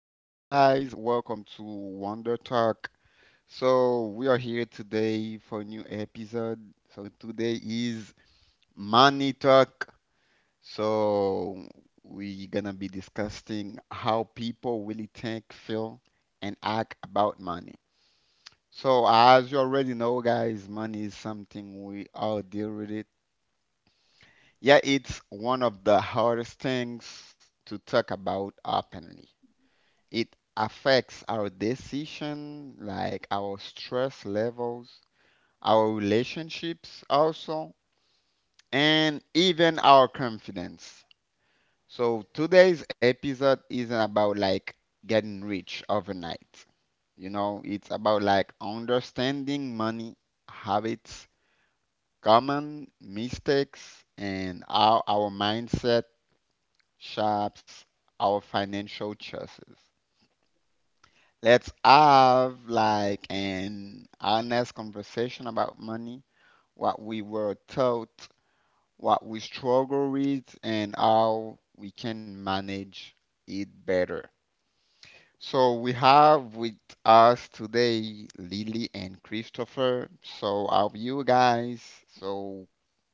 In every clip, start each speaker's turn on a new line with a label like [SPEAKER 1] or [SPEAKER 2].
[SPEAKER 1] guys. Welcome to Wonder Talk. We are here today for a new episode. Today is Money Talk. So, we're gonna be discussing how people really think, feel, and act about money. So, as you already know, guys, money is something we all deal with it. Yeah, it's one of the hardest things to talk about openly. It affects our decision, like our stress levels, our relationships also, and even our confidence. So today's episode isn't about like getting rich overnight. You know, it's about like understanding money habits, common mistakes, and how our mindset shapes our financial choices. Let's have like an honest conversation about money, what we were taught, what we struggle with, and how we can manage it better. So we have with us today Lily and Christopher. So how are you guys? So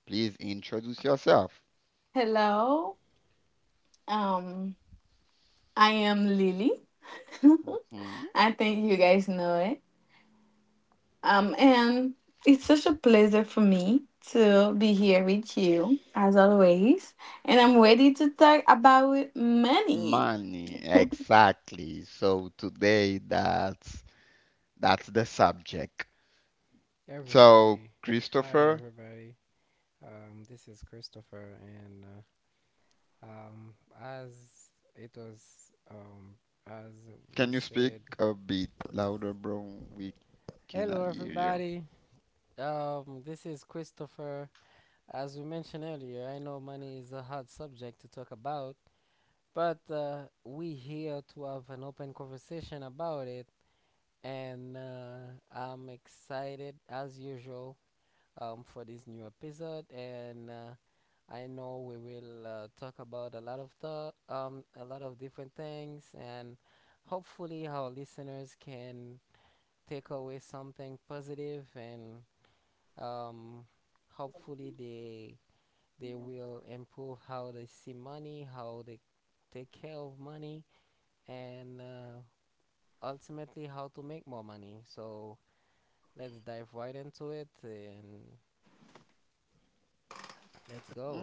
[SPEAKER 1] please introduce yourself. Mhm. Money, exactly. So today that's the subject. So, Christopher, can you speak a bit louder, bro? We cannot hear you.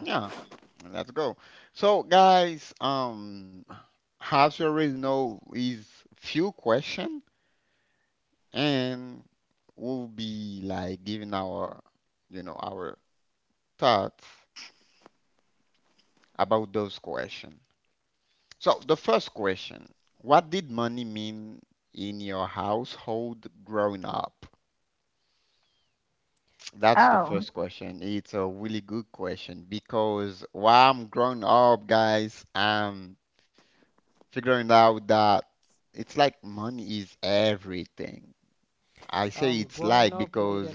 [SPEAKER 1] Yeah, let's go. So, guys, as you already know, is few question, and we'll be like giving our, our thoughts about those question. So, the first question: What did money mean in your household growing up? That's the first question. It's a really good question because while I'm growing up, guys, I'm figuring out that it's like money is everything. I say it's like because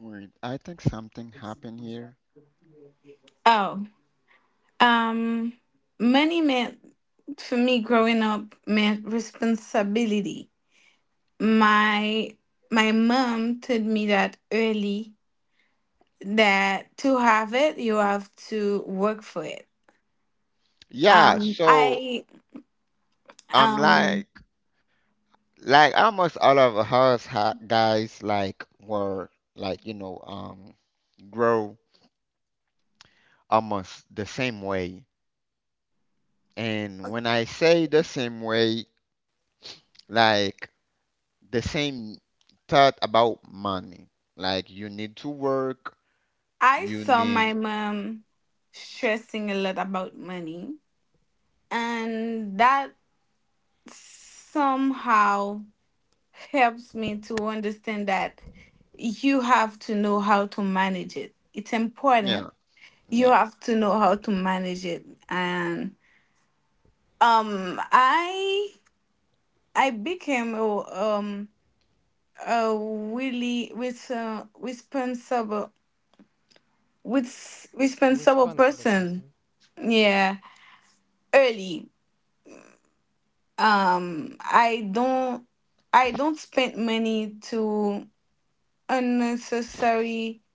[SPEAKER 1] wait, I think something happened here. hmm Yeah, so I'm like, like almost all of us ha guys like were like, grow almost the same way. And when I say the same way, like the same thought about money. Like you need to work, you need yeah, yeah.
[SPEAKER 2] Responsible person.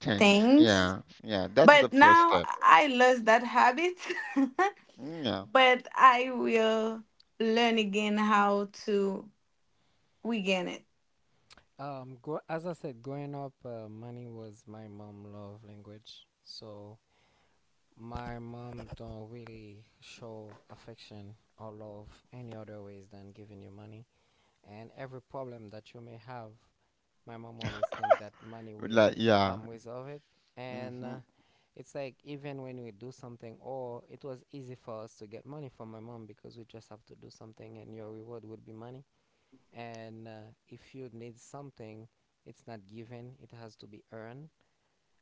[SPEAKER 1] Thanks. Yeah, yeah. That's the first step. Yeah.
[SPEAKER 2] As I said, growing up, money was my mom' love language. So my mom don't really show affection or love any other ways than giving you money. And every problem that you may have, my mom always think that money will
[SPEAKER 1] Like yeah.
[SPEAKER 2] resolve it. And
[SPEAKER 1] Hmm.
[SPEAKER 2] It's like even when we do something, or it was easy for us to get money from my mom because we just have to do something, and your reward would be money and if you need something, it's not given, it has to be earned.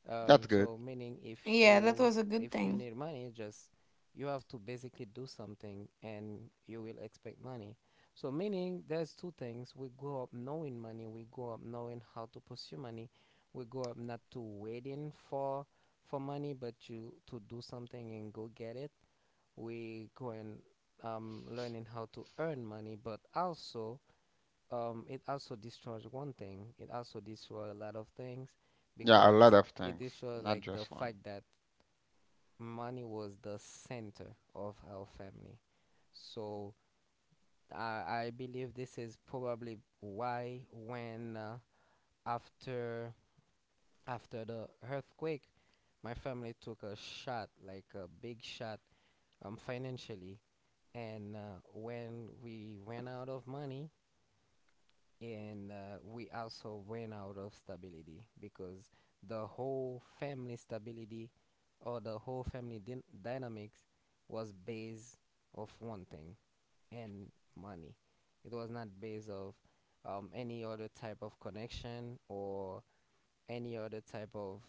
[SPEAKER 1] That's good.
[SPEAKER 2] So, meaning, if you need money, just you have to basically do something and you will expect money. So, meaning, there's two things we grow up knowing: money, we grow up knowing how to pursue money, we grow up not to waiting for money, but you to do something and go get it. We go and learning how to earn money, but also it also destroys one thing. It also destroys a lot of things
[SPEAKER 1] Yeah, a lot
[SPEAKER 2] because
[SPEAKER 1] of
[SPEAKER 2] it
[SPEAKER 1] things,
[SPEAKER 2] destroys
[SPEAKER 1] not
[SPEAKER 2] like the
[SPEAKER 1] just one.
[SPEAKER 2] fact that money was the center of our family. So I, I believe this is probably why when after after the earthquake, my family took a shot, like a big shot, financially. And When we ran out of money, and we also ran out of stability because the whole family stability or the whole family dynamics was based of one thing, and money, it was not based of any other type of connection or any other type of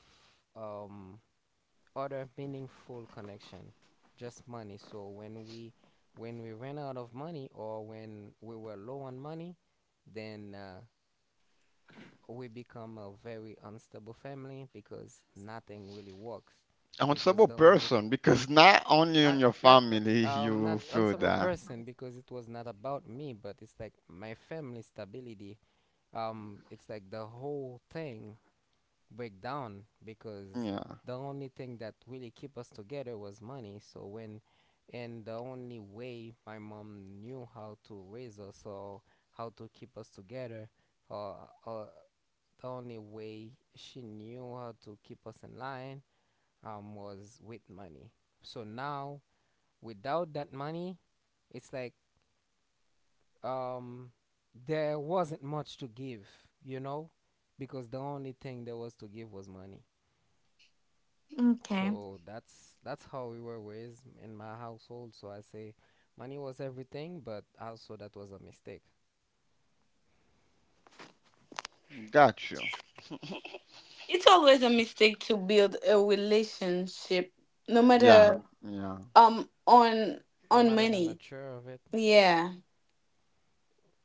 [SPEAKER 2] um, other meaningful connection, just money. So when we ran out of money, or when we were low on money, then we become a very unstable family because nothing really works. Because
[SPEAKER 1] Responsible
[SPEAKER 2] the only
[SPEAKER 1] person because not only on
[SPEAKER 2] not
[SPEAKER 1] your
[SPEAKER 2] not
[SPEAKER 1] family you
[SPEAKER 2] not
[SPEAKER 1] feel
[SPEAKER 2] unstable
[SPEAKER 1] that.
[SPEAKER 2] person, because it was not about me, but it's like my family stability, it's like the whole thing break down because
[SPEAKER 1] Yeah.
[SPEAKER 2] the only thing that really keep us together was money. So when, and the only way my mom knew how to raise us or how to keep us together, uh, uh, the only way she knew how to keep us in line was with money. So now, without that money, it's like um, there wasn't much to give, you know, because the only thing there was to give was money. So that's how we were raised in my household. So I say, money was everything, but also that was a mistake.
[SPEAKER 1] Got you. Yeah. Yeah.
[SPEAKER 2] No matter the nature of it,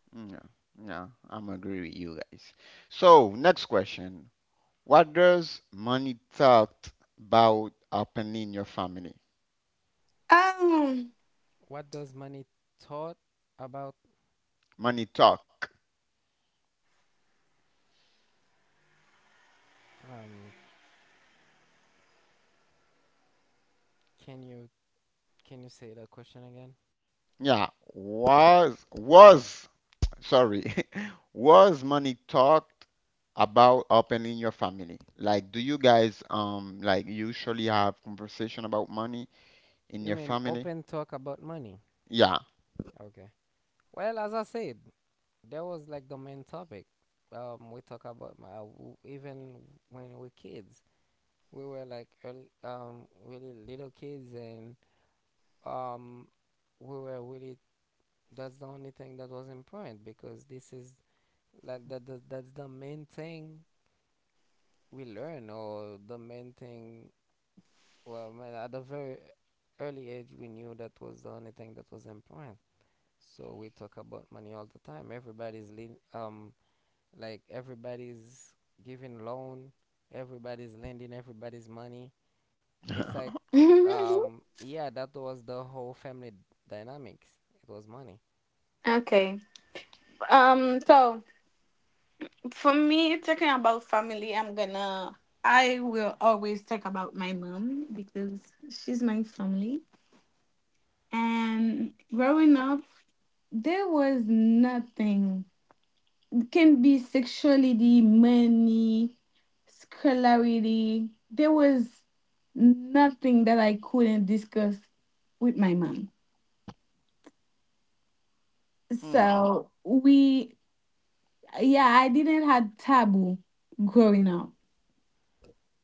[SPEAKER 1] Yeah. Yeah. I'm agree with you guys. So next question. What does money talk about happen in your family?
[SPEAKER 2] what does money taught about?
[SPEAKER 1] Money talk.
[SPEAKER 2] Um, can you— can you say that question again?
[SPEAKER 1] Yeah, was sorry. Was money talked about happen in your family? Like do you guys like usually have conversation about money in
[SPEAKER 2] You
[SPEAKER 1] your
[SPEAKER 2] mean
[SPEAKER 1] family?
[SPEAKER 2] open talk about money?
[SPEAKER 1] Yeah.
[SPEAKER 2] Okay. Well, as I said, that was like the main topic. We talk about my even when we were kids, we were like early, really little kids, and um, we were really. That's the only thing that was important, because this is like that. That's the main thing we learn, or the main thing. Well, man, at a very early age, we knew that was the only thing that was important. So we talk about money all the time. Everybody's lean, like everybody's giving loan, everybody's lending everybody's money. It's like, yeah, that was the whole family dynamics. It was money.
[SPEAKER 1] Mm.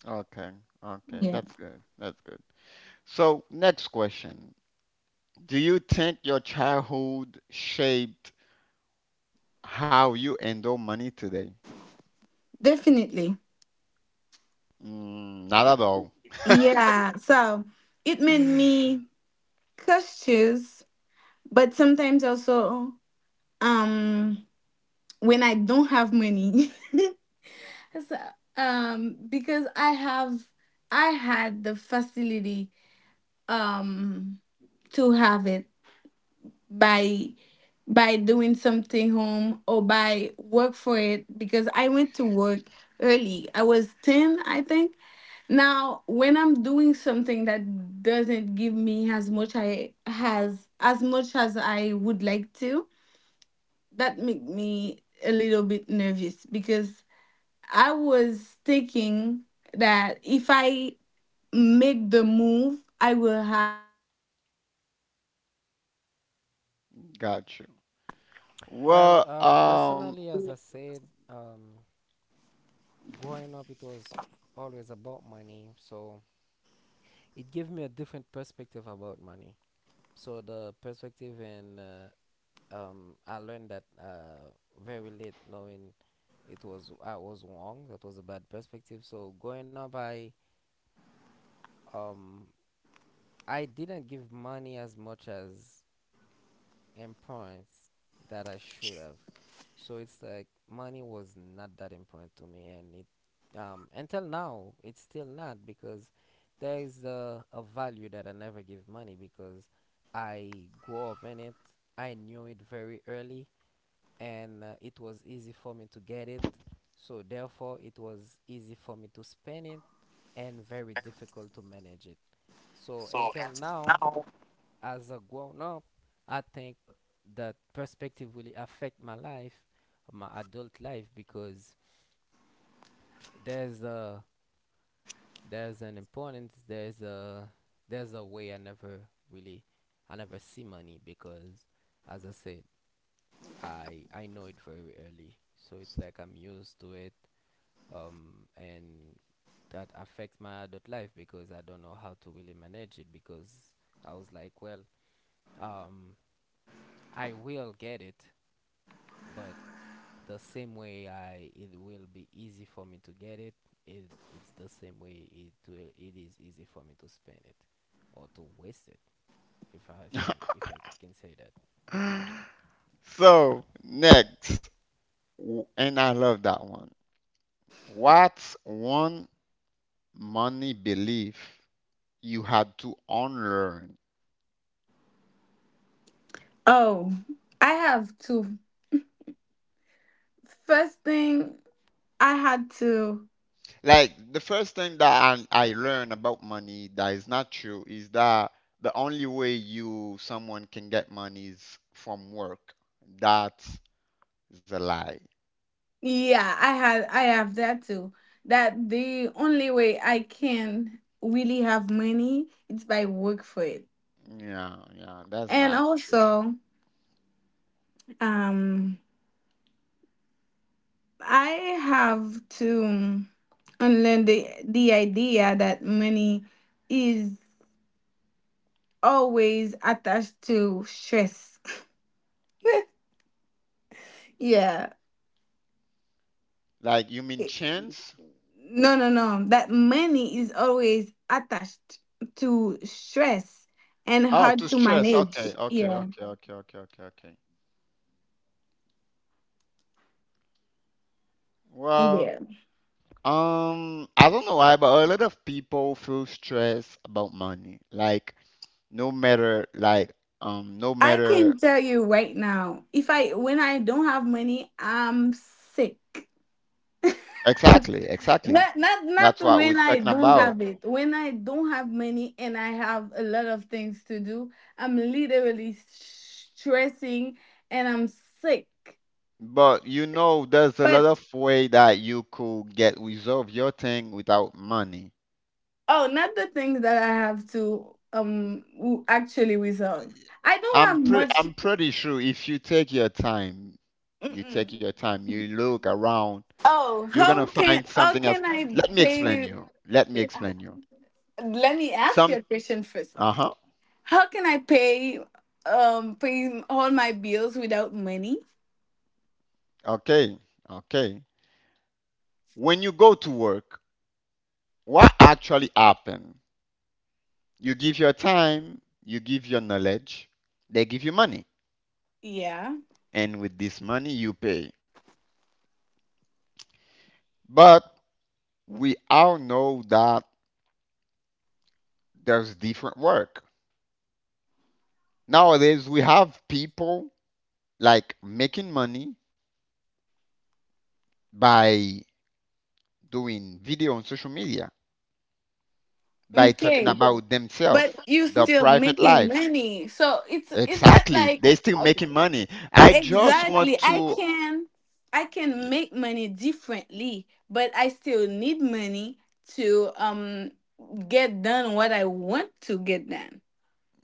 [SPEAKER 1] Okay. Okay, that's good. That's good. So, next question. Do you think your childhood shaped how you handle money today? Mm, not at all. Got you.
[SPEAKER 2] Well,
[SPEAKER 1] Well,
[SPEAKER 2] personally, as I said, um, growing up, it was always about money. So it gave me a different perspective about money. So the perspective, and I learned that very late, knowing it was— I was wrong. That was a bad perspective. So growing up, um, I didn't give money as much as importance that I should have. So it's like money was not that important to me, and it until now it's still not, because there is a value that I never give money because I grew up in it. I knew it very early, and it was easy for me to get it. So therefore, it was easy for me to spend it, and very difficult to manage it. So until now, as a grown up, I think that perspective really affect my life, my adult life, because there's a there's an importance, there's a way I never really— I never see money because, as I said, I know it very early. So it's like I'm used to it, and that affects my adult life because I don't know how to really manage it, because I was like, well, um, I will get it, but the same way I it will be easy for me to get it, it's the same way it is easy for me to spend it or to waste it, if I think, if I can say that.
[SPEAKER 1] so next, and I love that one. What's one money belief you had to unlearn? Like the first thing that I learned about money that is not true is that the only way you someone can get money is from work. That's a lie. Yeah, yeah, that's not true. Like, you mean chance? Oh, to stress. Okay, okay, okay, okay, okay, okay, okay. Well, I don't know why, but a lot of people feel stress about money. Like, no matter, like, no matter. Exactly, exactly. That's what we're talking about. But you know, there's a lot of way that you could get resolve your thing without money. I'm pretty sure if you take your time, you take your time, you look around, you're gonna find something else. Let me explain you. Let me explain you. Some uh-huh. Okay. Okay. When you go to work, what actually happen? You give your time, you give your knowledge, they give you money. And with this money you pay. But we all know that there's different work. Nowadays we have people like making money by doing video on social media, by talking about themselves, their private life. Exactly. They are still making money. I just want to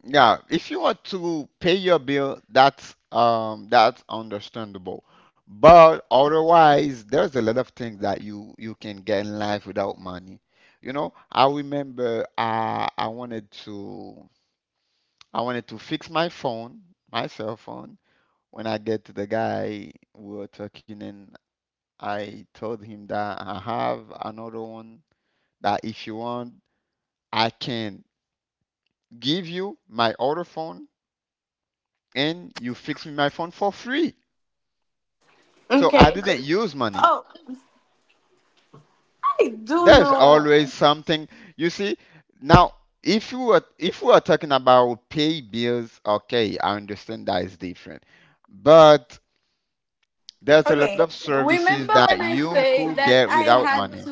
[SPEAKER 1] yeah, if you want to pay your bill, that's that's understandable. But otherwise there's a lot of things that you can get in life without money. You know, I remember I wanted to I wanted to fix my phone, my cell phone. When I get to the guy, we were talking, and I told him that I have another one that if you want, I can give you my other phone and you fix me my phone for free. So I didn't use money. There's always something. You see, now if you were if we are talking about pay bills, okay, I understand that is different. But there's a lot of services that you could get without money.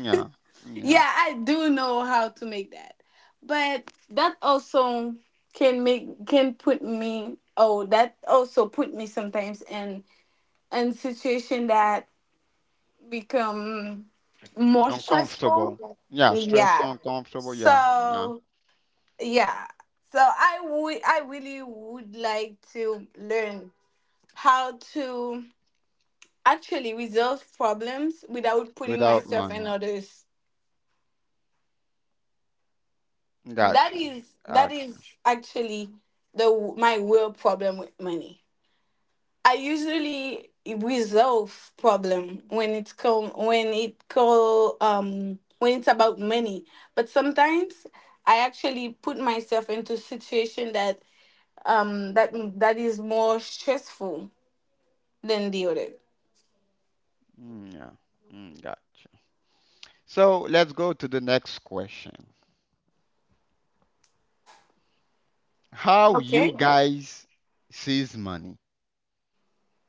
[SPEAKER 1] Yeah, yeah. Uncomfortable. Yeah, stressful, uncomfortable. Yeah, yeah. Without money. Gotcha. Gotcha. Mm, yeah. Mm, gotcha. So let's go to the next question. How you guys sees money,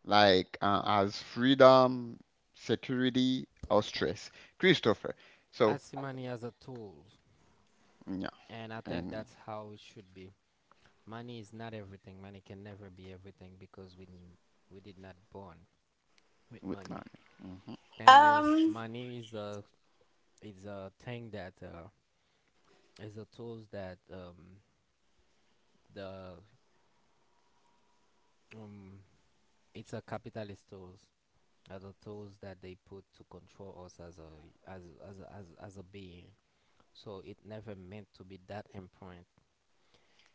[SPEAKER 1] like as freedom, security, or stress, Christopher. So
[SPEAKER 2] I see money as a tool,
[SPEAKER 1] yeah,
[SPEAKER 2] and I think
[SPEAKER 1] and
[SPEAKER 2] that's how it should be. Money is not everything. Money can never be everything, because we we did not born with
[SPEAKER 1] with money.
[SPEAKER 2] money.
[SPEAKER 1] Hmm.
[SPEAKER 2] Thing is, money is a— is a thing that is a tools that the um it's a capitalist tools, are the tools that they put to control us as a— as a being. So it never meant to be that important.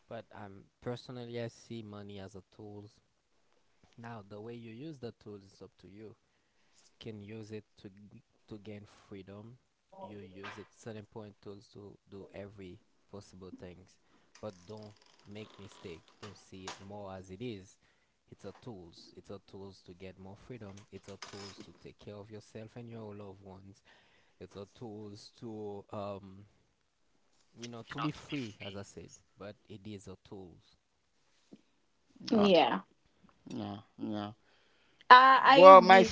[SPEAKER 2] But personally, I see money as a tools. Now the way you use the tools is up to you. Can use it to to gain freedom. You use it certain point tools to do every possible things, but don't make mistake. Don't see it more as it is. It's a tools. It's a tools to get more freedom. It's a tools to take care of yourself and your loved ones. It's a tools to you know, to be free, as I said. But it is a tools.
[SPEAKER 1] Okay. Yeah, yeah. Well, my.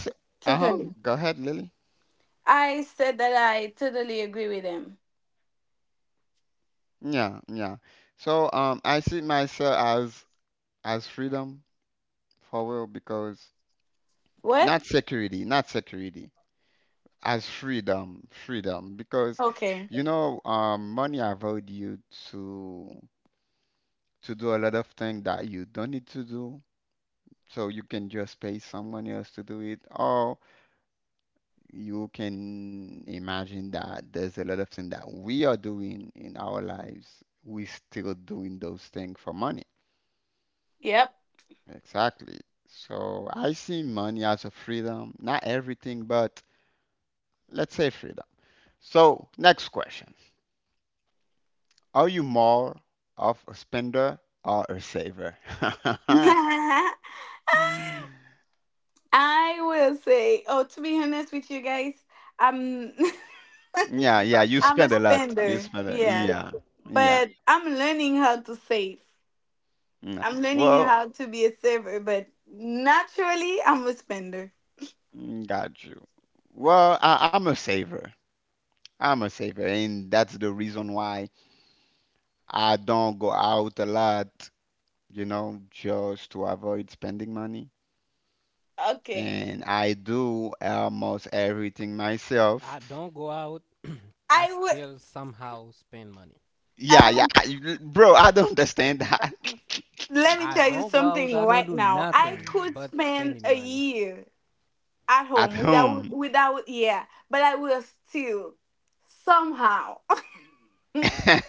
[SPEAKER 1] Uh huh. Go ahead, Lily. Yeah, yeah. So I see myself as freedom for real because not security, not security, as freedom, freedom because money allowed you to to do a lot of things that you don't need to do. So you can just pay someone else to do it, or you can imagine that there's a lot of things that we are doing in our lives. We still doing those things for money. Exactly. So I see money as a freedom, not everything, but let's say freedom. So, next question. Are you more of a spender or a saver? Yeah, yeah, you spend a lot. You spend a, yeah, yeah. Mm. Well, mm, got you. Well, I'm a saver. I'm a saver, and that's the reason why I don't go out a lot, you know, just to avoid spending money. And I do almost everything
[SPEAKER 2] I
[SPEAKER 1] myself.
[SPEAKER 2] don't go out. I still somehow spend money.
[SPEAKER 1] Yeah, yeah, bro, I don't understand that.
[SPEAKER 2] I don't go out. I don't do nothing but spending money.
[SPEAKER 1] At home.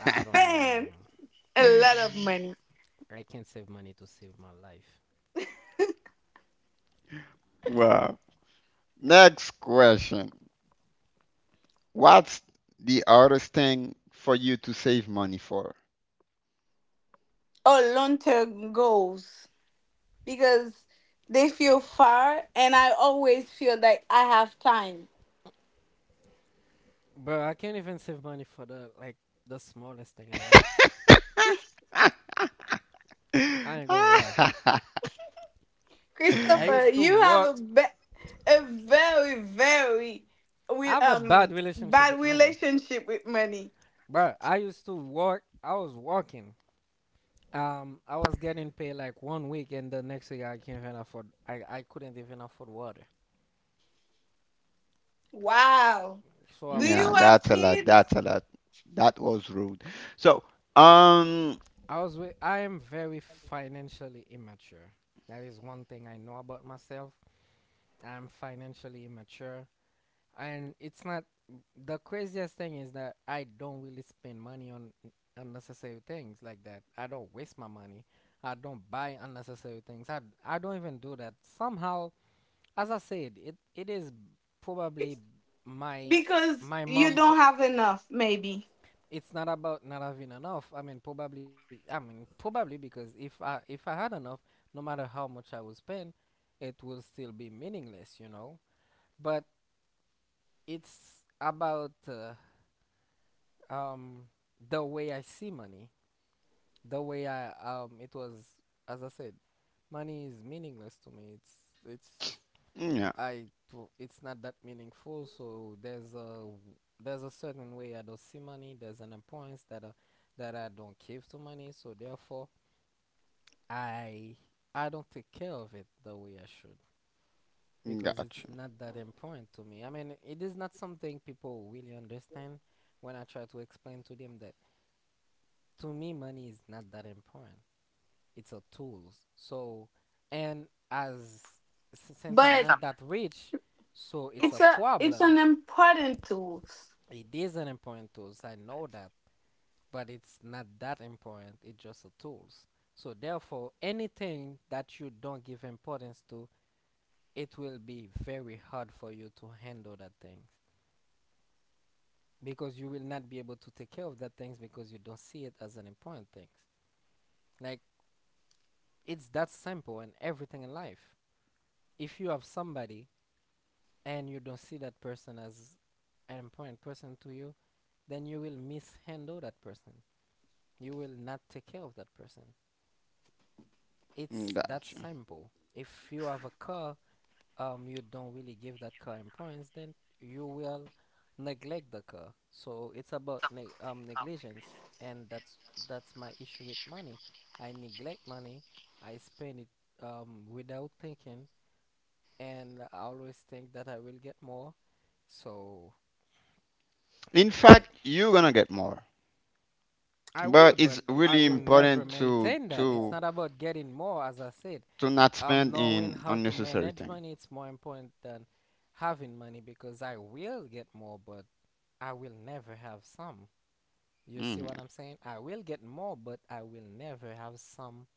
[SPEAKER 2] I don't know, man. I can't save money to save my life,
[SPEAKER 1] Wow. Next question. What's the hardest thing for you to save money for?
[SPEAKER 2] bro. I can't even save money for the like the smallest thing in life. I ain't gonna lie. I used to work. I have a bad relationship with money, bro. I used to work. I was working. I was getting paid like one week, and the next week I can't even afford. I couldn't even afford water. So I'm—
[SPEAKER 1] Yeah, that's a lot. That's a lot. That was rude. So, um,
[SPEAKER 2] I was with, I am very financially immature. That is one thing I know about myself. I'm financially immature. And it's not— the craziest thing is that I don't really spend money on unnecessary things like that. I don't waste my money. I don't buy unnecessary things. I don't even do that. Somehow, as I said, it is probably my— my mom— it's not about not having enough. I mean, probably. I mean, probably, because if I had enough, no matter how much I was spend, it will still be meaningless, you know. But it's about um the way I see money, the way I it was, as I said, money is meaningless to me. It's— it's—
[SPEAKER 1] yeah,
[SPEAKER 2] it's not that meaningful. So there's a there's a certain way I don't see money. There's an importance that that I don't give to money. So therefore, I I don't take care of it the way I should, because it's
[SPEAKER 1] gotcha,
[SPEAKER 2] not that important to me. I mean, it is not something people really understand when I try to explain to them that to me money is not that important. It's a tools. So, and as since I'm not that rich, so it's a problem. It is an important tools, I know that, but it's not that important. It's just a tools. So therefore, anything that you don't give importance to, it will be very hard for you to handle that things, because you will not be able to take care of that things because you don't see it as an important thing. Like, it's that simple in everything in life. If you have somebody and you don't see that person as an important person to you, then you will mishandle that person. You will not take care of that person. It's that
[SPEAKER 1] gotcha.
[SPEAKER 2] simple. If you have a car, you don't really give that car in points, then you will neglect the car. So it's about negligence, and that's my issue with money. I neglect money. I spend it without thinking, and I always think that I will get more. So
[SPEAKER 1] In
[SPEAKER 2] I
[SPEAKER 1] fact, you're gonna get more,
[SPEAKER 2] I
[SPEAKER 1] but
[SPEAKER 2] will, but
[SPEAKER 1] it's
[SPEAKER 2] I
[SPEAKER 1] really
[SPEAKER 2] will never
[SPEAKER 1] important
[SPEAKER 2] maintain that. It's not about getting more, as I said.
[SPEAKER 1] to not spend
[SPEAKER 2] Knowing
[SPEAKER 1] in
[SPEAKER 2] how to
[SPEAKER 1] unnecessary
[SPEAKER 2] manage
[SPEAKER 1] thing.
[SPEAKER 2] money, it's more important than having money, because I will get more, but I will never have some. You
[SPEAKER 1] Mm,
[SPEAKER 2] see what
[SPEAKER 1] yeah,
[SPEAKER 2] I'm saying? I will get more, but I will never have some,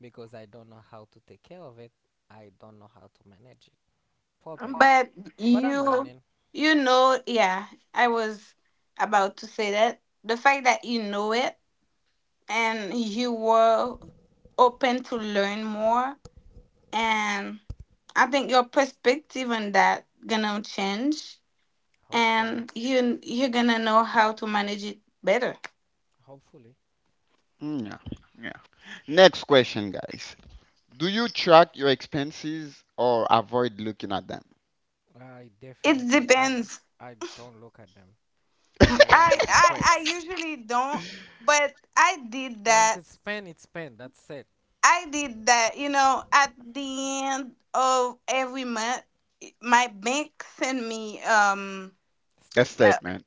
[SPEAKER 2] because I don't know how to take care of it. I don't know how to manage it properly. But I'm learning. Hopefully, hopefully.
[SPEAKER 1] mm, yeah, yeah. Next question, guys. Do you track your expenses or avoid looking at them?
[SPEAKER 2] I definitely I don't look at them. I will be depressed. Once it's spent, it's spent. That's it.
[SPEAKER 1] A
[SPEAKER 2] Statement.
[SPEAKER 1] statement.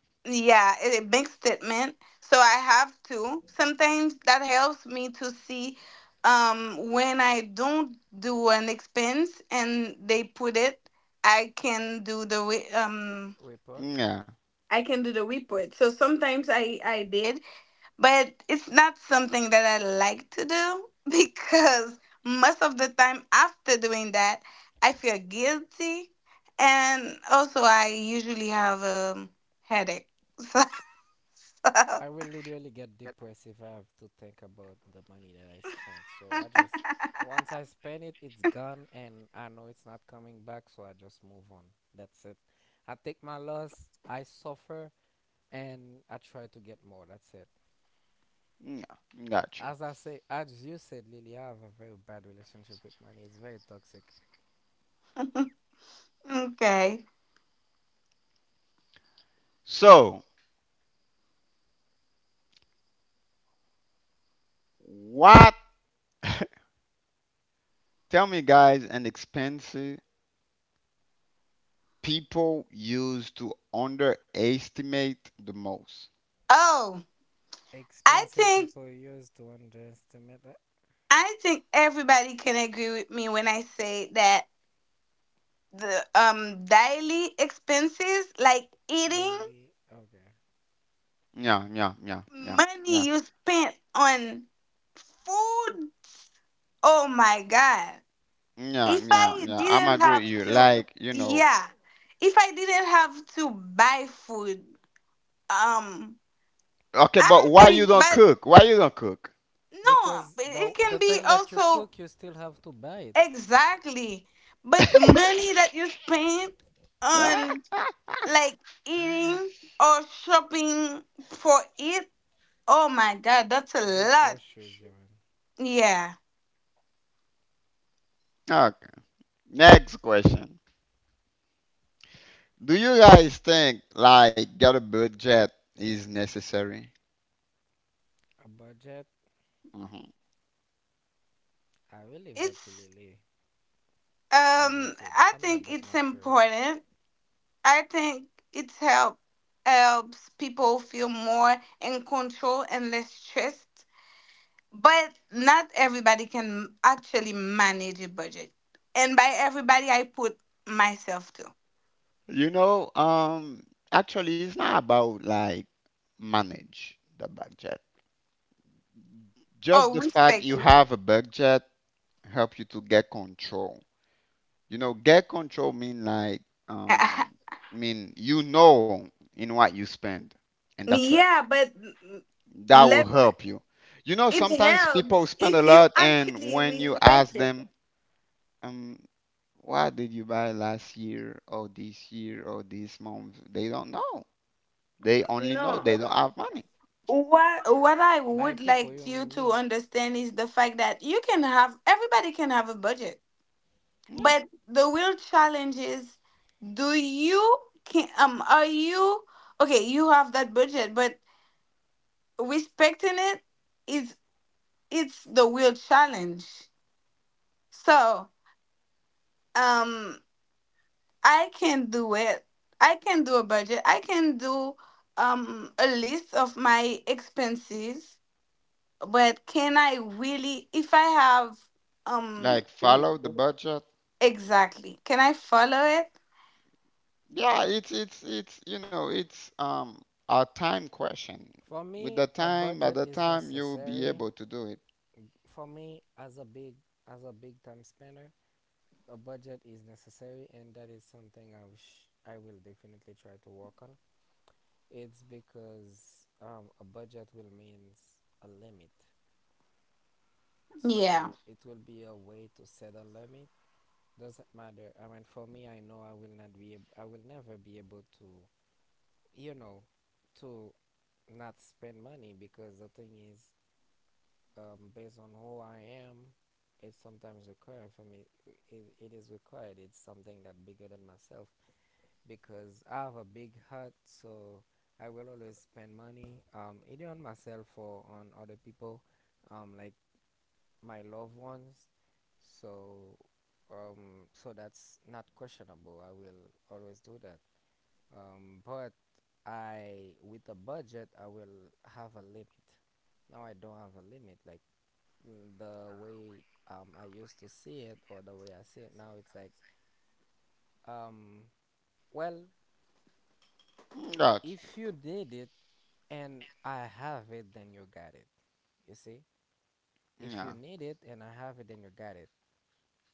[SPEAKER 2] Report.
[SPEAKER 1] Yeah,
[SPEAKER 2] I will literally get depressed if I have to think about the money that I spent. So I just, once I spend it, it's gone and I know it's not coming back. So I just move on. That's it. I take my loss, I suffer, and I try to get more. That's it.
[SPEAKER 1] yeah, got you.
[SPEAKER 2] As I say, as you said, Lily, I have a very bad relationship with money. It's very toxic.
[SPEAKER 1] So, what? Tell me, guys, an expensive people use to underestimate the most.
[SPEAKER 2] Expenses people use to underestimate the daily. Okay.
[SPEAKER 1] Yeah, yeah, yeah, yeah, yeah. Yeah, yeah, yeah. I'm agree with you. Like, you know, okay, but why you don't cook? Why you don't cook?
[SPEAKER 2] Because the thing that you cook, you still have to buy it. Do God shows you man,
[SPEAKER 1] Okay. Next question. Do you guys think like get a budget is necessary?
[SPEAKER 2] a budget,
[SPEAKER 1] Mhm.
[SPEAKER 2] I will leave that to Lily. As I said, I'm not that mature.
[SPEAKER 1] You know, actually, it's not about like manage the budget. Just the fact you have a budget help you to get control. You know, get control mean like um mean you know in what you spend and that's it. That will help you. You know, sometimes people spend a lot and when you ask them, um, what did you buy last year or this month? They don't know. They only know they don't have money.
[SPEAKER 2] By people, you mean me.
[SPEAKER 1] Yeah. Like follow the budget. Yeah, it's you know, it's a time question.
[SPEAKER 2] For
[SPEAKER 1] With the
[SPEAKER 2] me, a
[SPEAKER 1] time, by
[SPEAKER 2] budget
[SPEAKER 1] the
[SPEAKER 2] is
[SPEAKER 1] time you'll be
[SPEAKER 2] necessary.
[SPEAKER 1] able to do it.
[SPEAKER 2] For me, as a big time spender, a budget is necessary, and that is something I wish I will definitely try to work on. It's because a budget will means a limit, so it will be a way to set a limit doesn't matter. I mean, for me, I know I will not be, I will never be able to, you know, to not spend money because the thing is, based on who I am, it's sometimes required for me. It is required. It's something that bigger than myself because I have a big heart, so I will always spend money, either on myself or on other people. Like my loved ones. So, so that's not questionable. I will always do that. But I, with a budget, I will have a limit. Now I don't have a limit. Like the way I used to see it, or the way I see it now, it's like, um, well,
[SPEAKER 1] Gotcha.
[SPEAKER 2] if you need it and I have it, then you got it. You see? If
[SPEAKER 1] Yeah.
[SPEAKER 2] you need it and I have it, then you got it.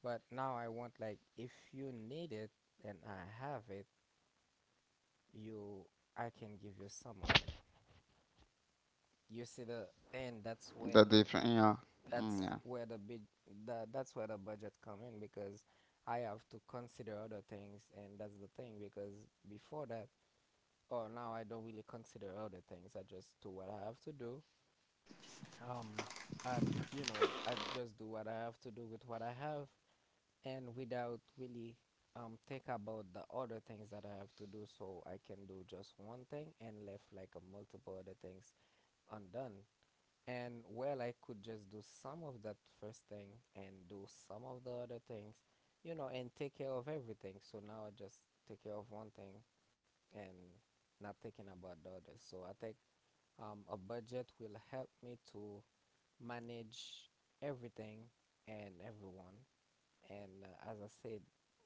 [SPEAKER 2] But now I want like if you need it and I have it, you I can give you some of it. You see the and that's
[SPEAKER 1] The
[SPEAKER 2] when
[SPEAKER 1] different. Yeah. Mm,
[SPEAKER 2] that's
[SPEAKER 1] yeah.
[SPEAKER 2] where the big the, that's where the budget come in because I have to consider other things and that's the thing because before that or now I don't really consider other things. I just do what I have to do. Um, I, you know, I just do what I have to do with what I have and without really think about the other things that I have to do so I can do just one thing and left like a multiple other things undone. And well I could just do some of that first thing and do some of the other things, you know, and take care of everything. So now I just take care of one thing and not thinking about the others. So I think a budget will help me to manage everything and everyone and as I said,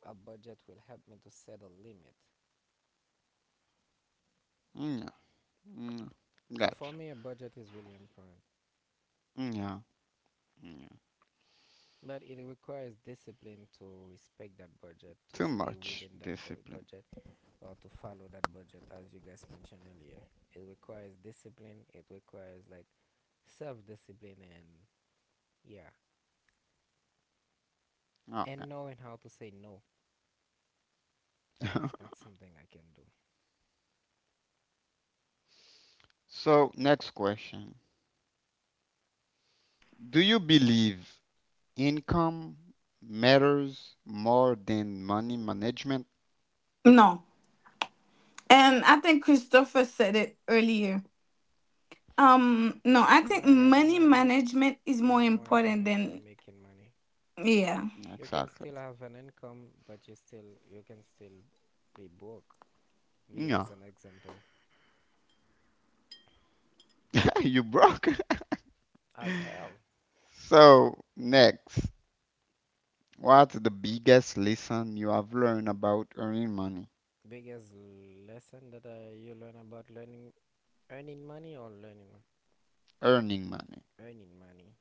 [SPEAKER 2] a budget will help me to set a limit.
[SPEAKER 1] Mm, yeah. Mm,
[SPEAKER 2] So
[SPEAKER 1] gotcha.
[SPEAKER 2] for me, a budget is really important,
[SPEAKER 1] Mm, yeah. Mm, yeah.
[SPEAKER 2] but it requires discipline to respect that budget, to
[SPEAKER 1] Too
[SPEAKER 2] stay
[SPEAKER 1] much
[SPEAKER 2] within that
[SPEAKER 1] discipline.
[SPEAKER 2] budget, or to follow that budget, as you guys mentioned earlier. It requires discipline. It requires like self-discipline and yeah,
[SPEAKER 1] Okay.
[SPEAKER 2] and knowing how to say no. That is not something I can do.
[SPEAKER 1] So, next question. Do you believe income matters more than money management?
[SPEAKER 2] Manage money is more important than making money. You can
[SPEAKER 1] Exactly.
[SPEAKER 2] still have an income but you still you can still be broke me
[SPEAKER 1] Yeah.
[SPEAKER 2] as an example
[SPEAKER 1] You broke.
[SPEAKER 2] as hell
[SPEAKER 1] So, next. What's the biggest lesson you have learned about earning money?
[SPEAKER 2] biggest lesson that you learn about learning earning money or learning
[SPEAKER 1] Earning money.
[SPEAKER 2] earning money,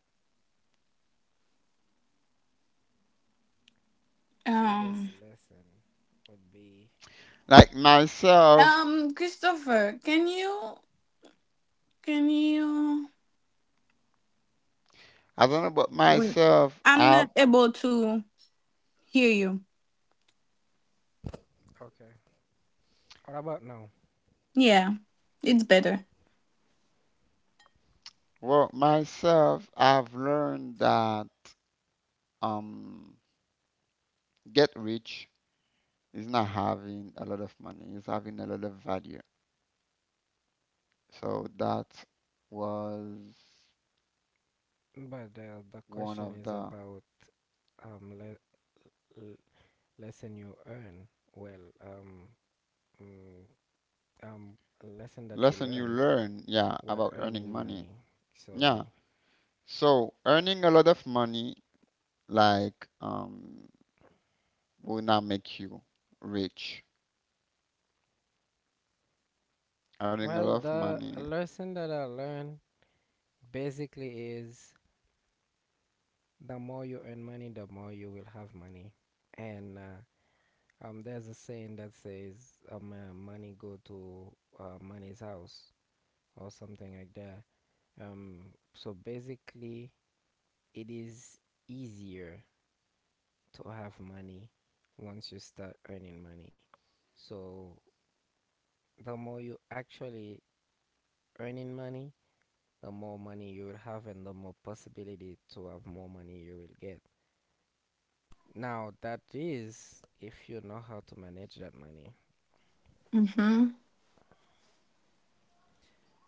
[SPEAKER 2] biggest lesson would be
[SPEAKER 1] Like myself, I don't know, about myself, I've
[SPEAKER 2] okay, what about now,
[SPEAKER 1] well, myself, I've learned that um, get rich is not having a lot of money; it's having a lot of value. So that was
[SPEAKER 2] but the
[SPEAKER 1] one
[SPEAKER 2] question
[SPEAKER 1] of
[SPEAKER 2] is
[SPEAKER 1] the
[SPEAKER 2] about um le- l- lesson you earn, well mm, um lesson that you
[SPEAKER 1] lesson you
[SPEAKER 2] learn
[SPEAKER 1] learn, yeah,
[SPEAKER 2] while
[SPEAKER 1] about
[SPEAKER 2] earning
[SPEAKER 1] earning money.
[SPEAKER 2] money so
[SPEAKER 1] Yeah. So earning a lot of money, like, will not make you rich. Earning a lot
[SPEAKER 2] well,
[SPEAKER 1] of
[SPEAKER 2] the
[SPEAKER 1] money,
[SPEAKER 2] lesson that I learned basically is the more you earn money, the more you will have money. And there's a saying that says, money go to money's house or something like that. Um, so basically, it is easier to have money once you start earning money. So the more you actually earning money, the more money you will have and the more possibility to have more money you will get. Now that is if you know how to manage that money.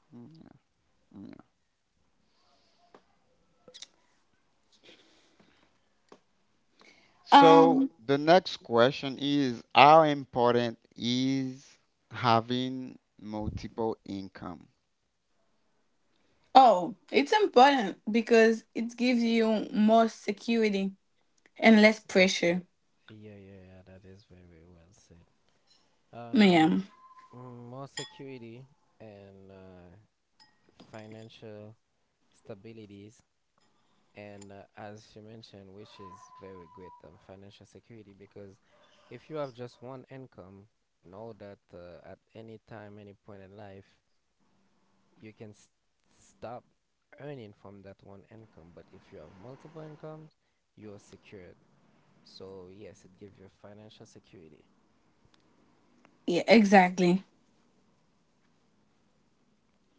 [SPEAKER 1] mm, yeah. Mm. So the next question is how important is having multiple income?
[SPEAKER 2] That's good. Yeah, yeah, yeah. That is very well said. Um, more security and financial stabilities, and as you mentioned, which is very great, financial security. Because if you have just one income, know that at any time, any point in life, you can s stop earning from that one income. But if you have multiple incomes, you are secured. So yes, it gives you financial security.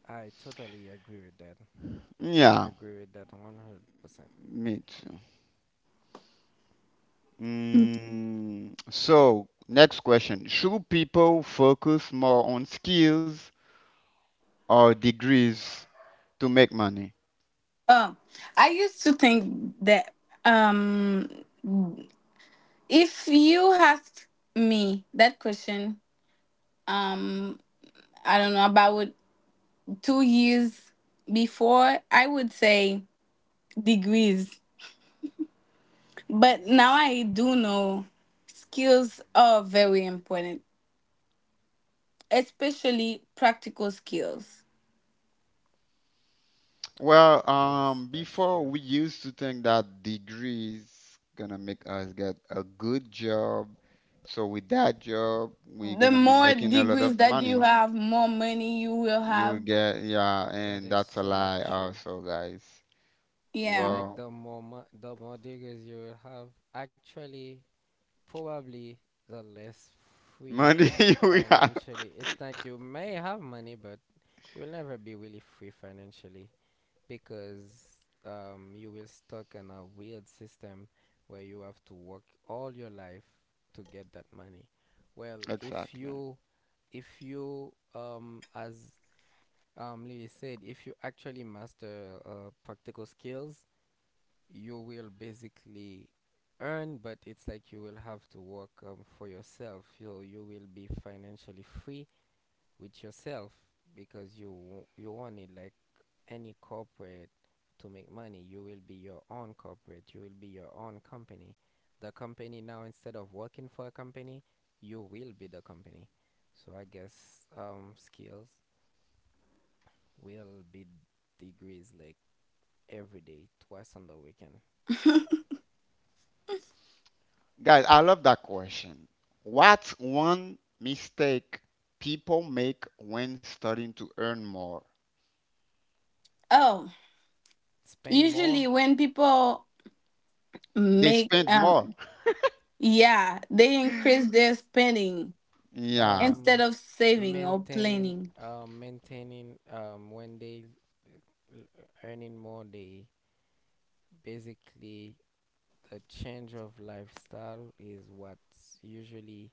[SPEAKER 2] I totally agree with that. I
[SPEAKER 1] Yeah,
[SPEAKER 2] agree with that 100%.
[SPEAKER 1] me too. Mm, so next question. Should people focus more on skills or degrees to make money? Well,
[SPEAKER 2] Yes, that's
[SPEAKER 1] before
[SPEAKER 2] true.
[SPEAKER 1] we used to think that degrees gonna make us get a good job. So with that job, we're gonna be making a lot of money. You will get, yeah, and
[SPEAKER 2] That is
[SPEAKER 1] that's a
[SPEAKER 2] so not
[SPEAKER 1] lie
[SPEAKER 2] true.
[SPEAKER 1] also, guys. Well,
[SPEAKER 2] It's like
[SPEAKER 1] wow.
[SPEAKER 2] the more degrees you will have, actually, probably the less free
[SPEAKER 1] Money you will have.
[SPEAKER 2] financially. It's like you may have money, but you'll never be really free financially. Because you will stuck in a weird system where you have to work all your life to get that money. Well,
[SPEAKER 1] Exactly.
[SPEAKER 2] if you as Lily said, if you actually master practical skills, you will basically earn, but it's like you will have to work for yourself. You will be financially free with yourself because you you want it like any corporate to make money. You will be your own corporate. You will be your own company. The company now, instead of working for a company, you will be the company. So I guess skills will be degrees like every day, twice on the weekend.
[SPEAKER 1] Guys, I love that question. What's one mistake people make when starting to earn more?
[SPEAKER 2] Spend more.
[SPEAKER 1] They spend more. Yeah,
[SPEAKER 2] Um, maintain. Maintaining. When they l- earning more, they basically the change of lifestyle is what usually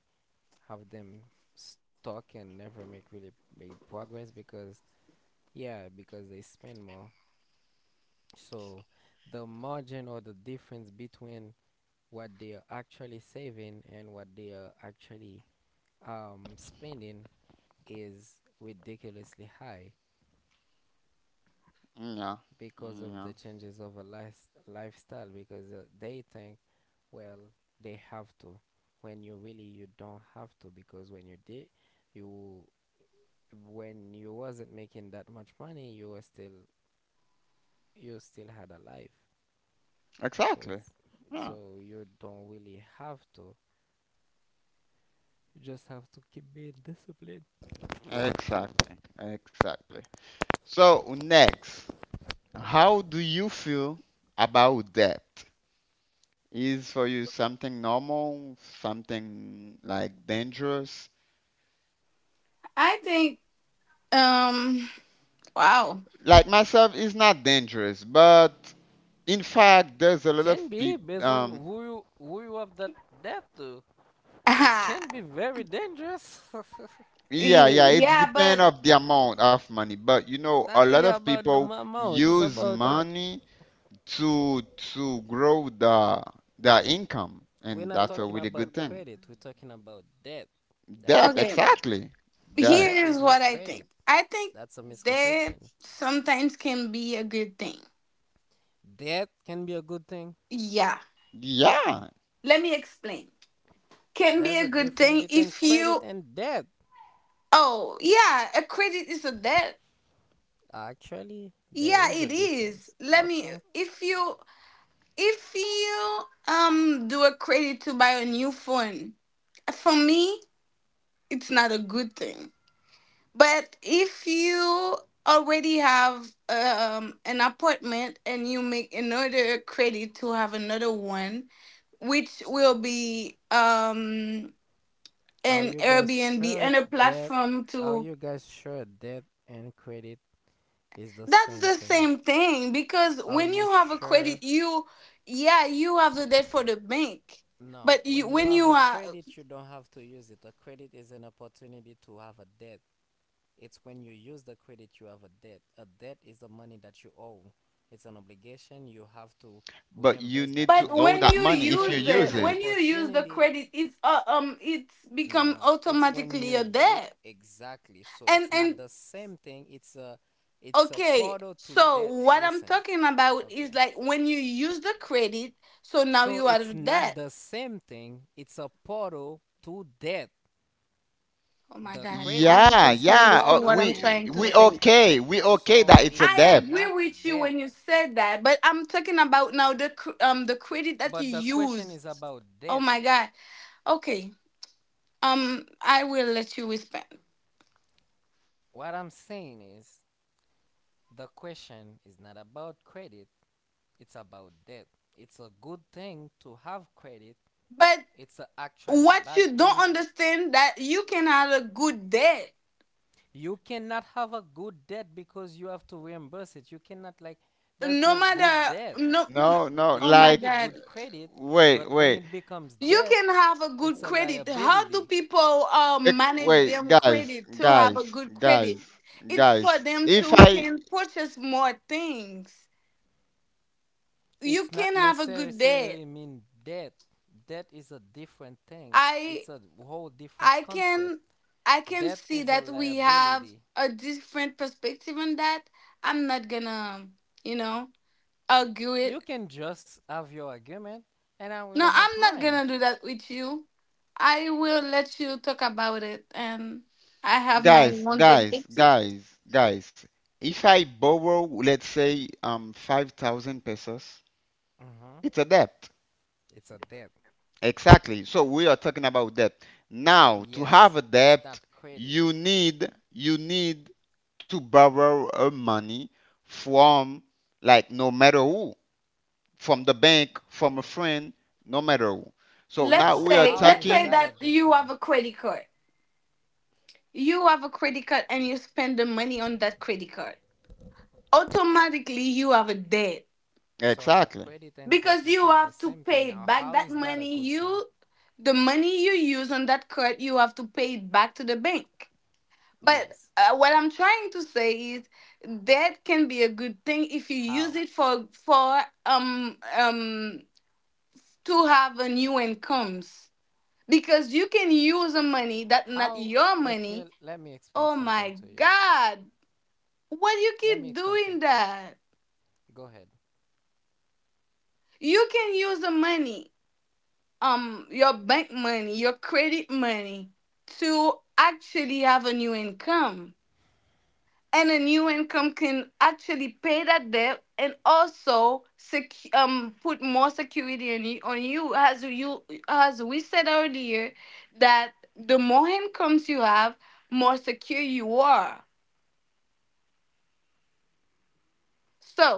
[SPEAKER 2] have them stuck and never make really make progress because yeah because they spend more so the margin or the difference between what they are actually saving and what they are actually spending is ridiculously high
[SPEAKER 1] yeah,
[SPEAKER 2] because of the
[SPEAKER 1] yeah.
[SPEAKER 2] changes of a life, lifestyle because they think well, they have to. When you really you don't have to because when you did, you when you wasn't making that much money, you were still you still had a life. So
[SPEAKER 1] Exactly.
[SPEAKER 2] it's
[SPEAKER 1] Yeah,
[SPEAKER 2] so you don't really have to. You just have to keep being disciplined.
[SPEAKER 1] exactly, exactly. So, next, how do you feel about debt? Is for you something normal, something like dangerous? Like myself, it's not dangerous, but in fact, there's a lot
[SPEAKER 2] Can
[SPEAKER 1] of
[SPEAKER 2] be
[SPEAKER 1] people.
[SPEAKER 2] based on who you have that debt to. It can be very dangerous.
[SPEAKER 1] Yeah, yeah, it's depend of the amount of money, but you know,
[SPEAKER 2] It's
[SPEAKER 1] a
[SPEAKER 2] not
[SPEAKER 1] lot
[SPEAKER 2] really
[SPEAKER 1] of
[SPEAKER 2] about the
[SPEAKER 1] people
[SPEAKER 2] amount. It's
[SPEAKER 1] use
[SPEAKER 2] about
[SPEAKER 1] money to to grow the income,
[SPEAKER 2] we're
[SPEAKER 1] and
[SPEAKER 2] not
[SPEAKER 1] that's a
[SPEAKER 2] talking
[SPEAKER 1] really
[SPEAKER 2] about
[SPEAKER 1] good thing.
[SPEAKER 2] credit. We're talking about debt. That's
[SPEAKER 1] Debt,
[SPEAKER 2] different.
[SPEAKER 1] exactly. Debt.
[SPEAKER 2] Debt is not credit. That's a misconception. Debt can be a good thing.
[SPEAKER 1] Yeah,
[SPEAKER 2] There's a difference between credit and debt. Actually, there is a difference. Okay. Are you guys sure that are you guys sure debt and credit is the same thing? Are you sure? No. When you have a credit, you don't have to use it. A credit is an opportunity to have a debt. It's when you use the credit you have a debt. A debt is the money that you owe. It's an obligation. You have to
[SPEAKER 1] but you
[SPEAKER 2] reimburse that
[SPEAKER 1] need to
[SPEAKER 2] money.
[SPEAKER 1] owe that
[SPEAKER 2] A
[SPEAKER 1] money if you
[SPEAKER 2] credit
[SPEAKER 1] use
[SPEAKER 2] is
[SPEAKER 1] it.
[SPEAKER 2] opportunity. uh, No, it's when you exactly. So it's not the same thing. It's a portal to debt. Listen, okay. So it's not the same thing. It's a portal to debt. The credit
[SPEAKER 1] Yeah,
[SPEAKER 2] is a
[SPEAKER 1] yeah.
[SPEAKER 2] portal to
[SPEAKER 1] We
[SPEAKER 2] debt.
[SPEAKER 1] okay. We okay
[SPEAKER 2] So
[SPEAKER 1] that it's a
[SPEAKER 2] it's
[SPEAKER 1] debt.
[SPEAKER 2] not debt. But the question is about debt. What I'm saying is the question is not about credit, it's about debt. It's a good thing to have credit. It's a actually bad thing to you cannot have a good debt because you have to reimburse it. You cannot like there's no good debt.
[SPEAKER 1] No, no.
[SPEAKER 2] It can
[SPEAKER 1] Like,
[SPEAKER 2] be good credit,
[SPEAKER 1] wait,
[SPEAKER 2] but when
[SPEAKER 1] wait,
[SPEAKER 2] it becomes debt, it's a liability.
[SPEAKER 1] wait, guys, guys, guys, guys. If I,
[SPEAKER 2] It's not necessarily mean death. Death is a different thing. It's a whole different concept. Death is a liability. You can just have your argument, and I will have mine.
[SPEAKER 1] guys, guys, guys, guys. If I borrow, let's say, 5,000 pesos,
[SPEAKER 2] Hmm.
[SPEAKER 1] it's a debt.
[SPEAKER 2] It's a debt.
[SPEAKER 1] Exactly. So we are talking about debt. Now, to have
[SPEAKER 2] Yes,
[SPEAKER 1] a
[SPEAKER 2] it's not
[SPEAKER 1] debt,
[SPEAKER 2] credit.
[SPEAKER 1] you need to borrow a money from, like, no matter who, from the bank, from a friend, no matter who. So now
[SPEAKER 2] Now,
[SPEAKER 1] we are
[SPEAKER 2] how is
[SPEAKER 1] talking.
[SPEAKER 2] that a good thing? So the
[SPEAKER 1] Exactly.
[SPEAKER 2] credit and debt is not the same thing. Now, how is that a good thing? Yes. How? How it will? Let me explain something to you. Let me explain some. Go ahead.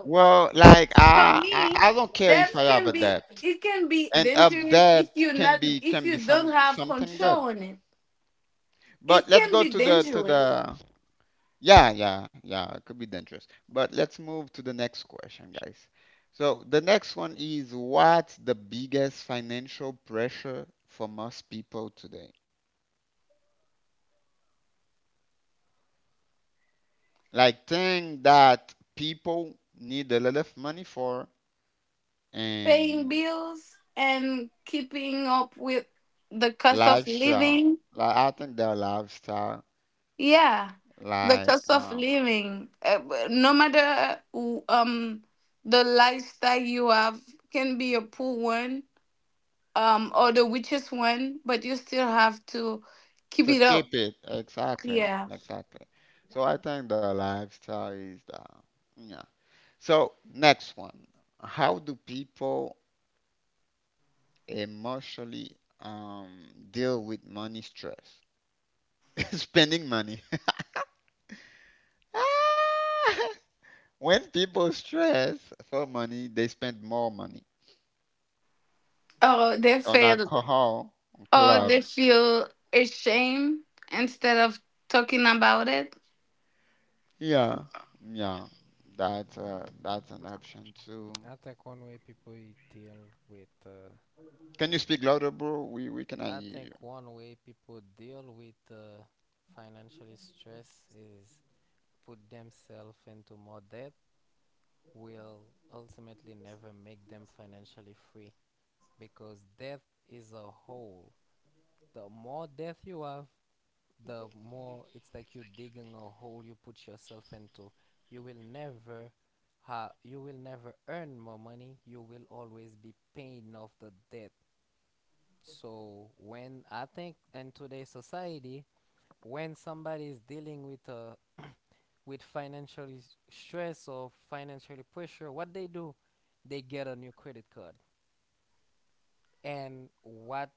[SPEAKER 1] Well, like I don't care if I have a debt, and a debt can be something good. But let's go to the. Yeah, yeah, yeah. It could be dangerous. But let's move to the next question, guys. So the next one is, what's the biggest financial pressure for most people today? Like, thing that people need a lot of money for, and lifestyle. Like, I think their lifestyle, like to keep it, exactly, exactly. So I think the lifestyle is the. Yeah. So, next one. How do people emotionally, um, deal with money stress? Spending money. Ah! When people stress for money, they spend more money on alcohol, on club. Yeah, yeah. That's an option too.
[SPEAKER 2] I think one way people deal with, uh,
[SPEAKER 1] Can you speak louder, bro? We cannot
[SPEAKER 2] I
[SPEAKER 1] hear
[SPEAKER 2] think
[SPEAKER 1] you.
[SPEAKER 2] one way people deal with financial stress is put themselves into more debt will ultimately never make them financially free because death is a hole. The more death you have, the more it's like you're digging a hole you put yourself into. You will never you will never earn more money. You will always be paying off the debt. So when I think in today's society, when somebody is dealing with a with stress or financial pressure, what they do, they get a new credit card. And what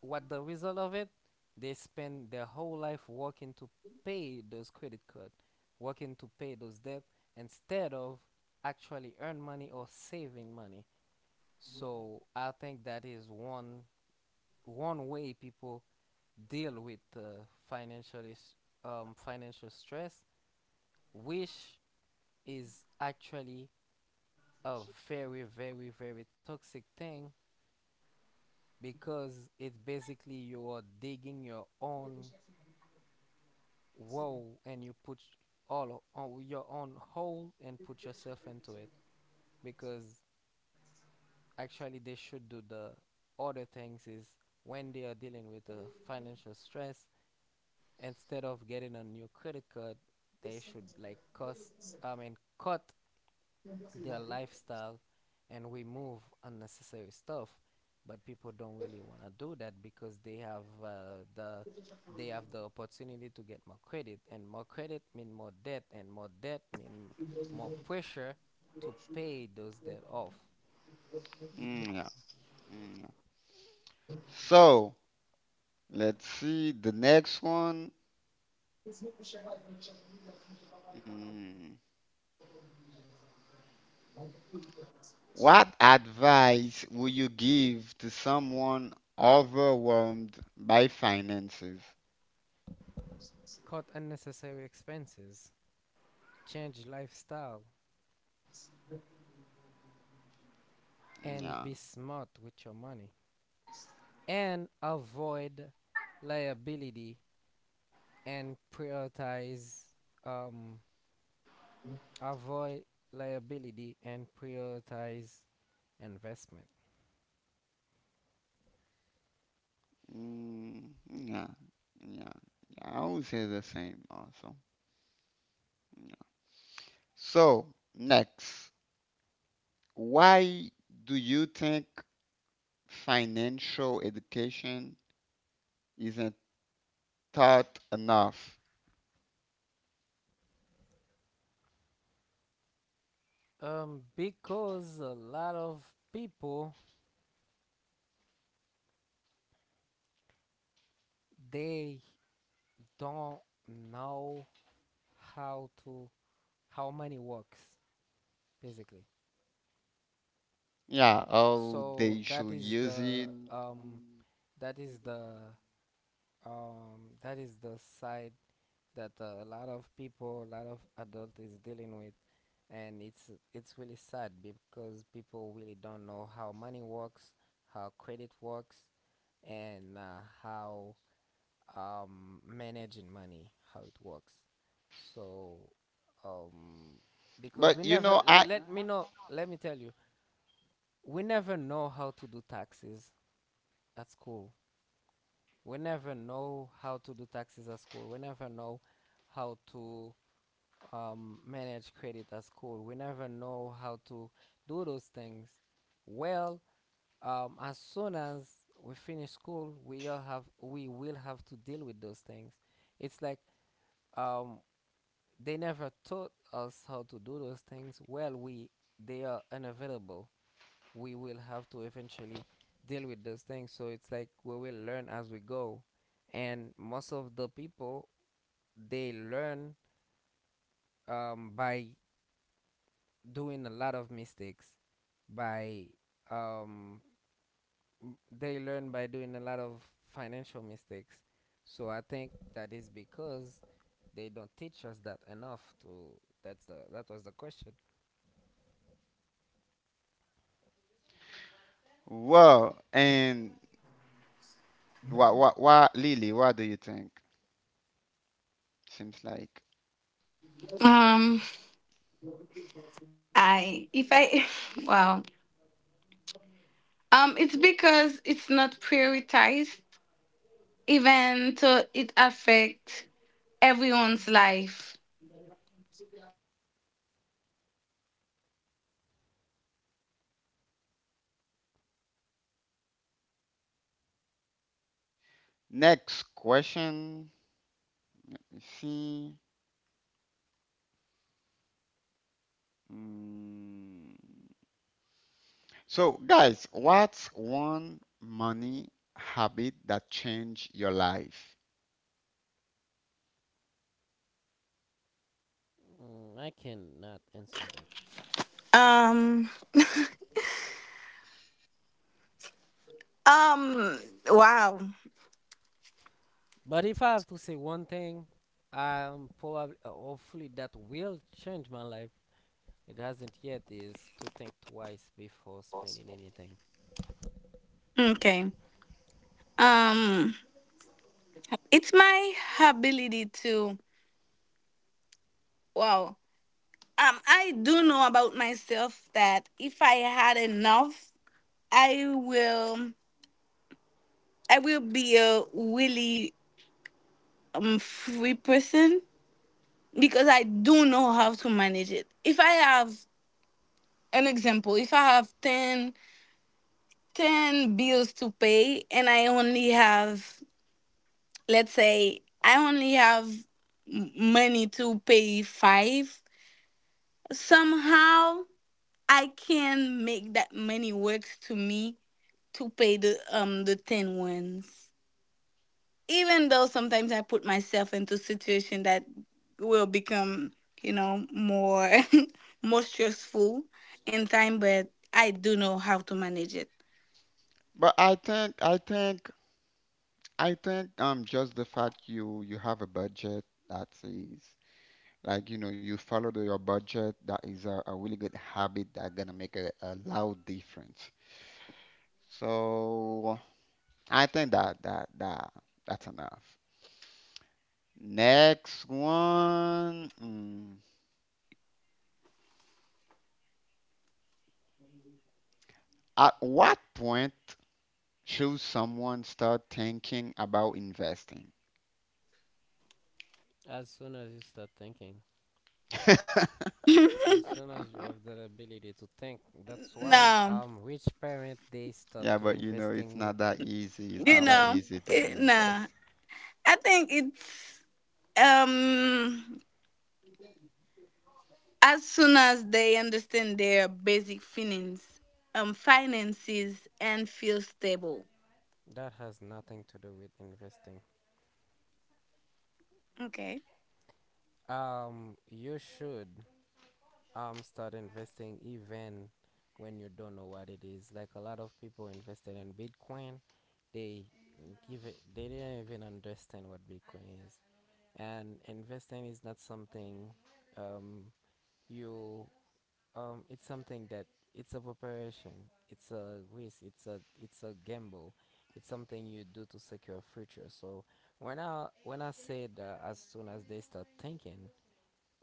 [SPEAKER 2] what the result of it? They spend their whole life working to pay those credit card, working to pay those debt instead of actually earn money or saving money. So I think that is one way people deal with financial stress, which is actually a very toxic thing because it basically you are digging your own wall and you put all on your own hole and put yourself into it because actually they should do the other things is when they are dealing with financial stress instead of getting a new credit card, they should like cost I mean cut their lifestyle and remove unnecessary stuff. But people don't really want to do that because they have the opportunity to get more credit, and more credit mean more debt, and more debt mean more pressure to pay those debt off.
[SPEAKER 1] Mm, yeah. Mm, yeah. So let's see the next one. Mm. What advice would you give to someone overwhelmed by finances?
[SPEAKER 2] Cut unnecessary expenses, change lifestyle, and
[SPEAKER 1] Yeah.
[SPEAKER 2] be smart with your money. And avoid liability and prioritize, um, avoid liability and prioritize investment.
[SPEAKER 1] Mm, yeah. Yeah. Yeah, I would say the same also. Yeah. So, next, why do you think financial education isn't taught enough?
[SPEAKER 2] Because a lot of people they don't know how to how money works basically.
[SPEAKER 1] Yeah, oh,
[SPEAKER 2] So
[SPEAKER 1] they
[SPEAKER 2] that
[SPEAKER 1] should
[SPEAKER 2] is
[SPEAKER 1] use
[SPEAKER 2] the
[SPEAKER 1] it.
[SPEAKER 2] that is the that is the side that a lot of people, a lot of adult is dealing with, and it's really sad because people really don't know how money works, how credit works, and how managing money, how it works. So, um, because
[SPEAKER 1] But
[SPEAKER 2] we
[SPEAKER 1] you
[SPEAKER 2] never,
[SPEAKER 1] know, I.
[SPEAKER 2] let me know, let me tell you, we never know how to do taxes at school. We never know how to do taxes at school. We never know how to manage credit at school. We never know how to do those things. Well, as soon as we finish school, we all have we will have to deal with those things. It's like um, they never taught us how to do those things. Well, we they are unavailable. We will have to eventually deal with those things. So it's like we will learn as we go. And most of the people they learn by doing a lot of mistakes, by um, they learn by doing a lot of financial mistakes. So I think that is because they don't teach us that enough to that was the question.
[SPEAKER 1] Well, and what, Lily, what do you think? Seems like. Next question. Let me see. Mm. So, guys, what's one money habit that changed your life?
[SPEAKER 2] Mm, I cannot answer that. But if I have to say one thing, I'm probably, hopefully, that will change my life. It hasn't yet. Is to think twice before spending anything.
[SPEAKER 1] But I think, just the fact you have a budget, that is, like, you follow your budget, that is a really good habit that gonna make a loud difference. So I think that's enough. Next one. At what point should someone start thinking about investing?
[SPEAKER 2] As soon as you start thinking, as soon as you
[SPEAKER 1] Uh-huh.
[SPEAKER 2] have that ability to think, that's why rich parent they start
[SPEAKER 1] Yeah,
[SPEAKER 2] to
[SPEAKER 1] but you know, it's
[SPEAKER 2] investing with
[SPEAKER 1] not that easy. It's not
[SPEAKER 2] um
[SPEAKER 1] that easy to invest.
[SPEAKER 2] that has nothing to do with investing. You should start investing even when you don't know what it is. Like a lot of people invested in bitcoin, they give it they didn't even understand what bitcoin is. And investing is not something, um you it's something that, it's a preparation, it's a risk, it's a gamble. It's something you do to secure future. So when I said as soon as they start thinking,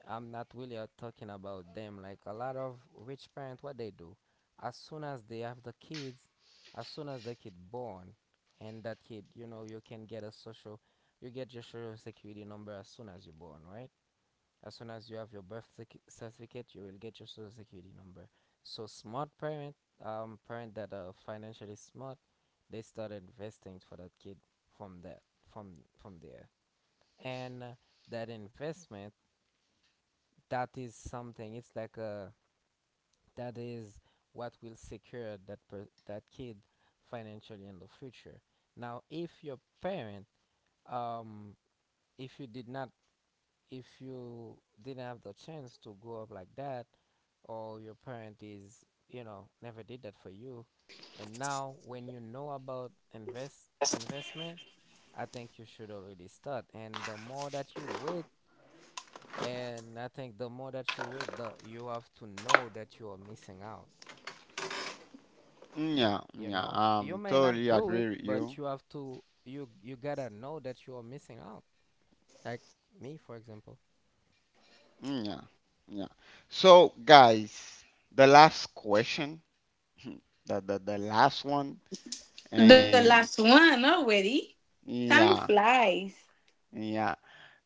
[SPEAKER 2] I'm not really talking about them. Like a lot of rich parents, what they do, as soon as they have the kids, as soon as the kid born, and that kid, you know, you can get a social, you get your social security number as soon as you're born, right? As soon as you have your certificate, you will get your social security number. So smart parent, parent that are financially smart, they start investing for that kid from that, from there, and that investment, that is something, it's like a, that is what will secure that kid financially in the future. Now if your parent um if you did not, if you didn't have the chance to grow up like that, or your parent is, you know, never did that for you, and now when you know about investment, I think you should already start, and the more that you wait, and I think the more that you wait, the you have to know that you are missing out.
[SPEAKER 1] Mm, yeah,
[SPEAKER 2] You
[SPEAKER 1] mm, yeah.
[SPEAKER 2] know, you may not
[SPEAKER 1] Totally
[SPEAKER 2] do it,
[SPEAKER 1] agree with
[SPEAKER 2] but
[SPEAKER 1] you.
[SPEAKER 2] you have to. You gotta know that you are missing out. Like me, for example.
[SPEAKER 1] Mm, yeah, yeah. So, guys, the last question, the last one, and yeah, yeah.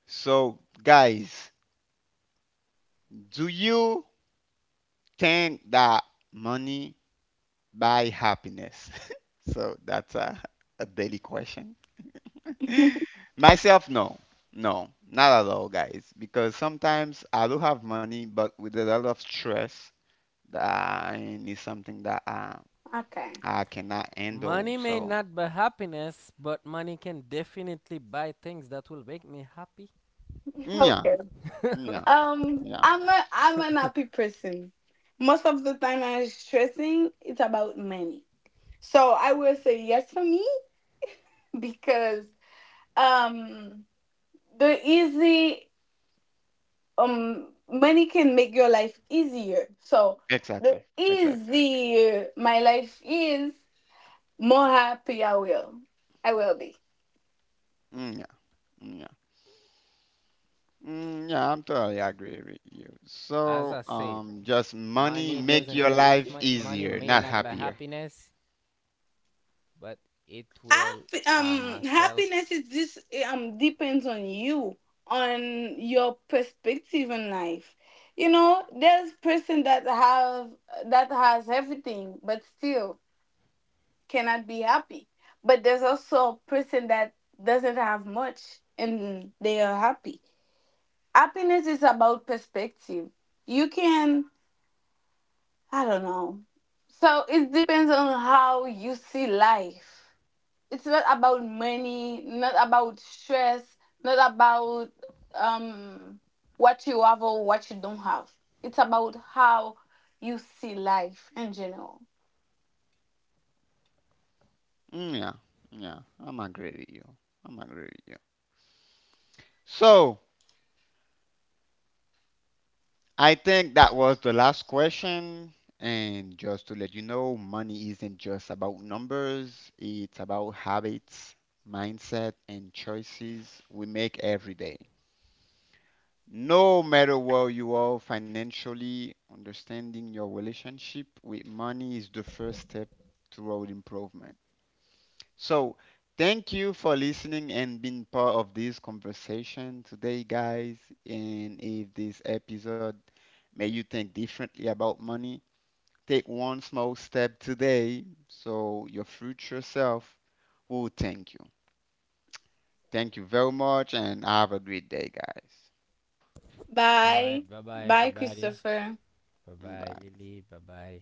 [SPEAKER 1] So, guys, do you think that money buy happiness? So that's a daily question. Myself, no, no, not at all, guys. Because sometimes I do have money, but with a lot of stress, that is something that I cannot handle.
[SPEAKER 2] Money may
[SPEAKER 1] So
[SPEAKER 2] not buy happiness, but money can definitely buy things that will make me happy.
[SPEAKER 1] yeah, yeah, yeah, exactly, exactly. Mm, yeah, mm, yeah, mm, yeah. I'm totally
[SPEAKER 2] As
[SPEAKER 1] agree
[SPEAKER 2] I
[SPEAKER 1] with you.
[SPEAKER 2] said,
[SPEAKER 1] So
[SPEAKER 2] money doesn't.
[SPEAKER 1] just
[SPEAKER 2] If my
[SPEAKER 1] money make
[SPEAKER 2] money
[SPEAKER 1] your
[SPEAKER 2] may
[SPEAKER 1] life
[SPEAKER 2] not buy
[SPEAKER 1] easier, not
[SPEAKER 2] happiness,
[SPEAKER 1] happier.
[SPEAKER 2] but it will. Ah, myself.
[SPEAKER 1] Mm, yeah, yeah, I'm agree with you. I'm agree with you. So I think that was the last question. And just to let you know, money isn't just about numbers, it's about habits, mindset, and choices we make every day. No matter where you are financially, understanding your relationship with money is the first step toward improvement. So, thank you for listening and being part of this conversation today, guys. And if this episode made you think differently about money, take one small step today so your future self will thank you. Thank you very much, and have a great day, guys.
[SPEAKER 2] All right. Bye bye, everybody. Bye bye,
[SPEAKER 1] Bye.
[SPEAKER 2] Lily. Bye bye.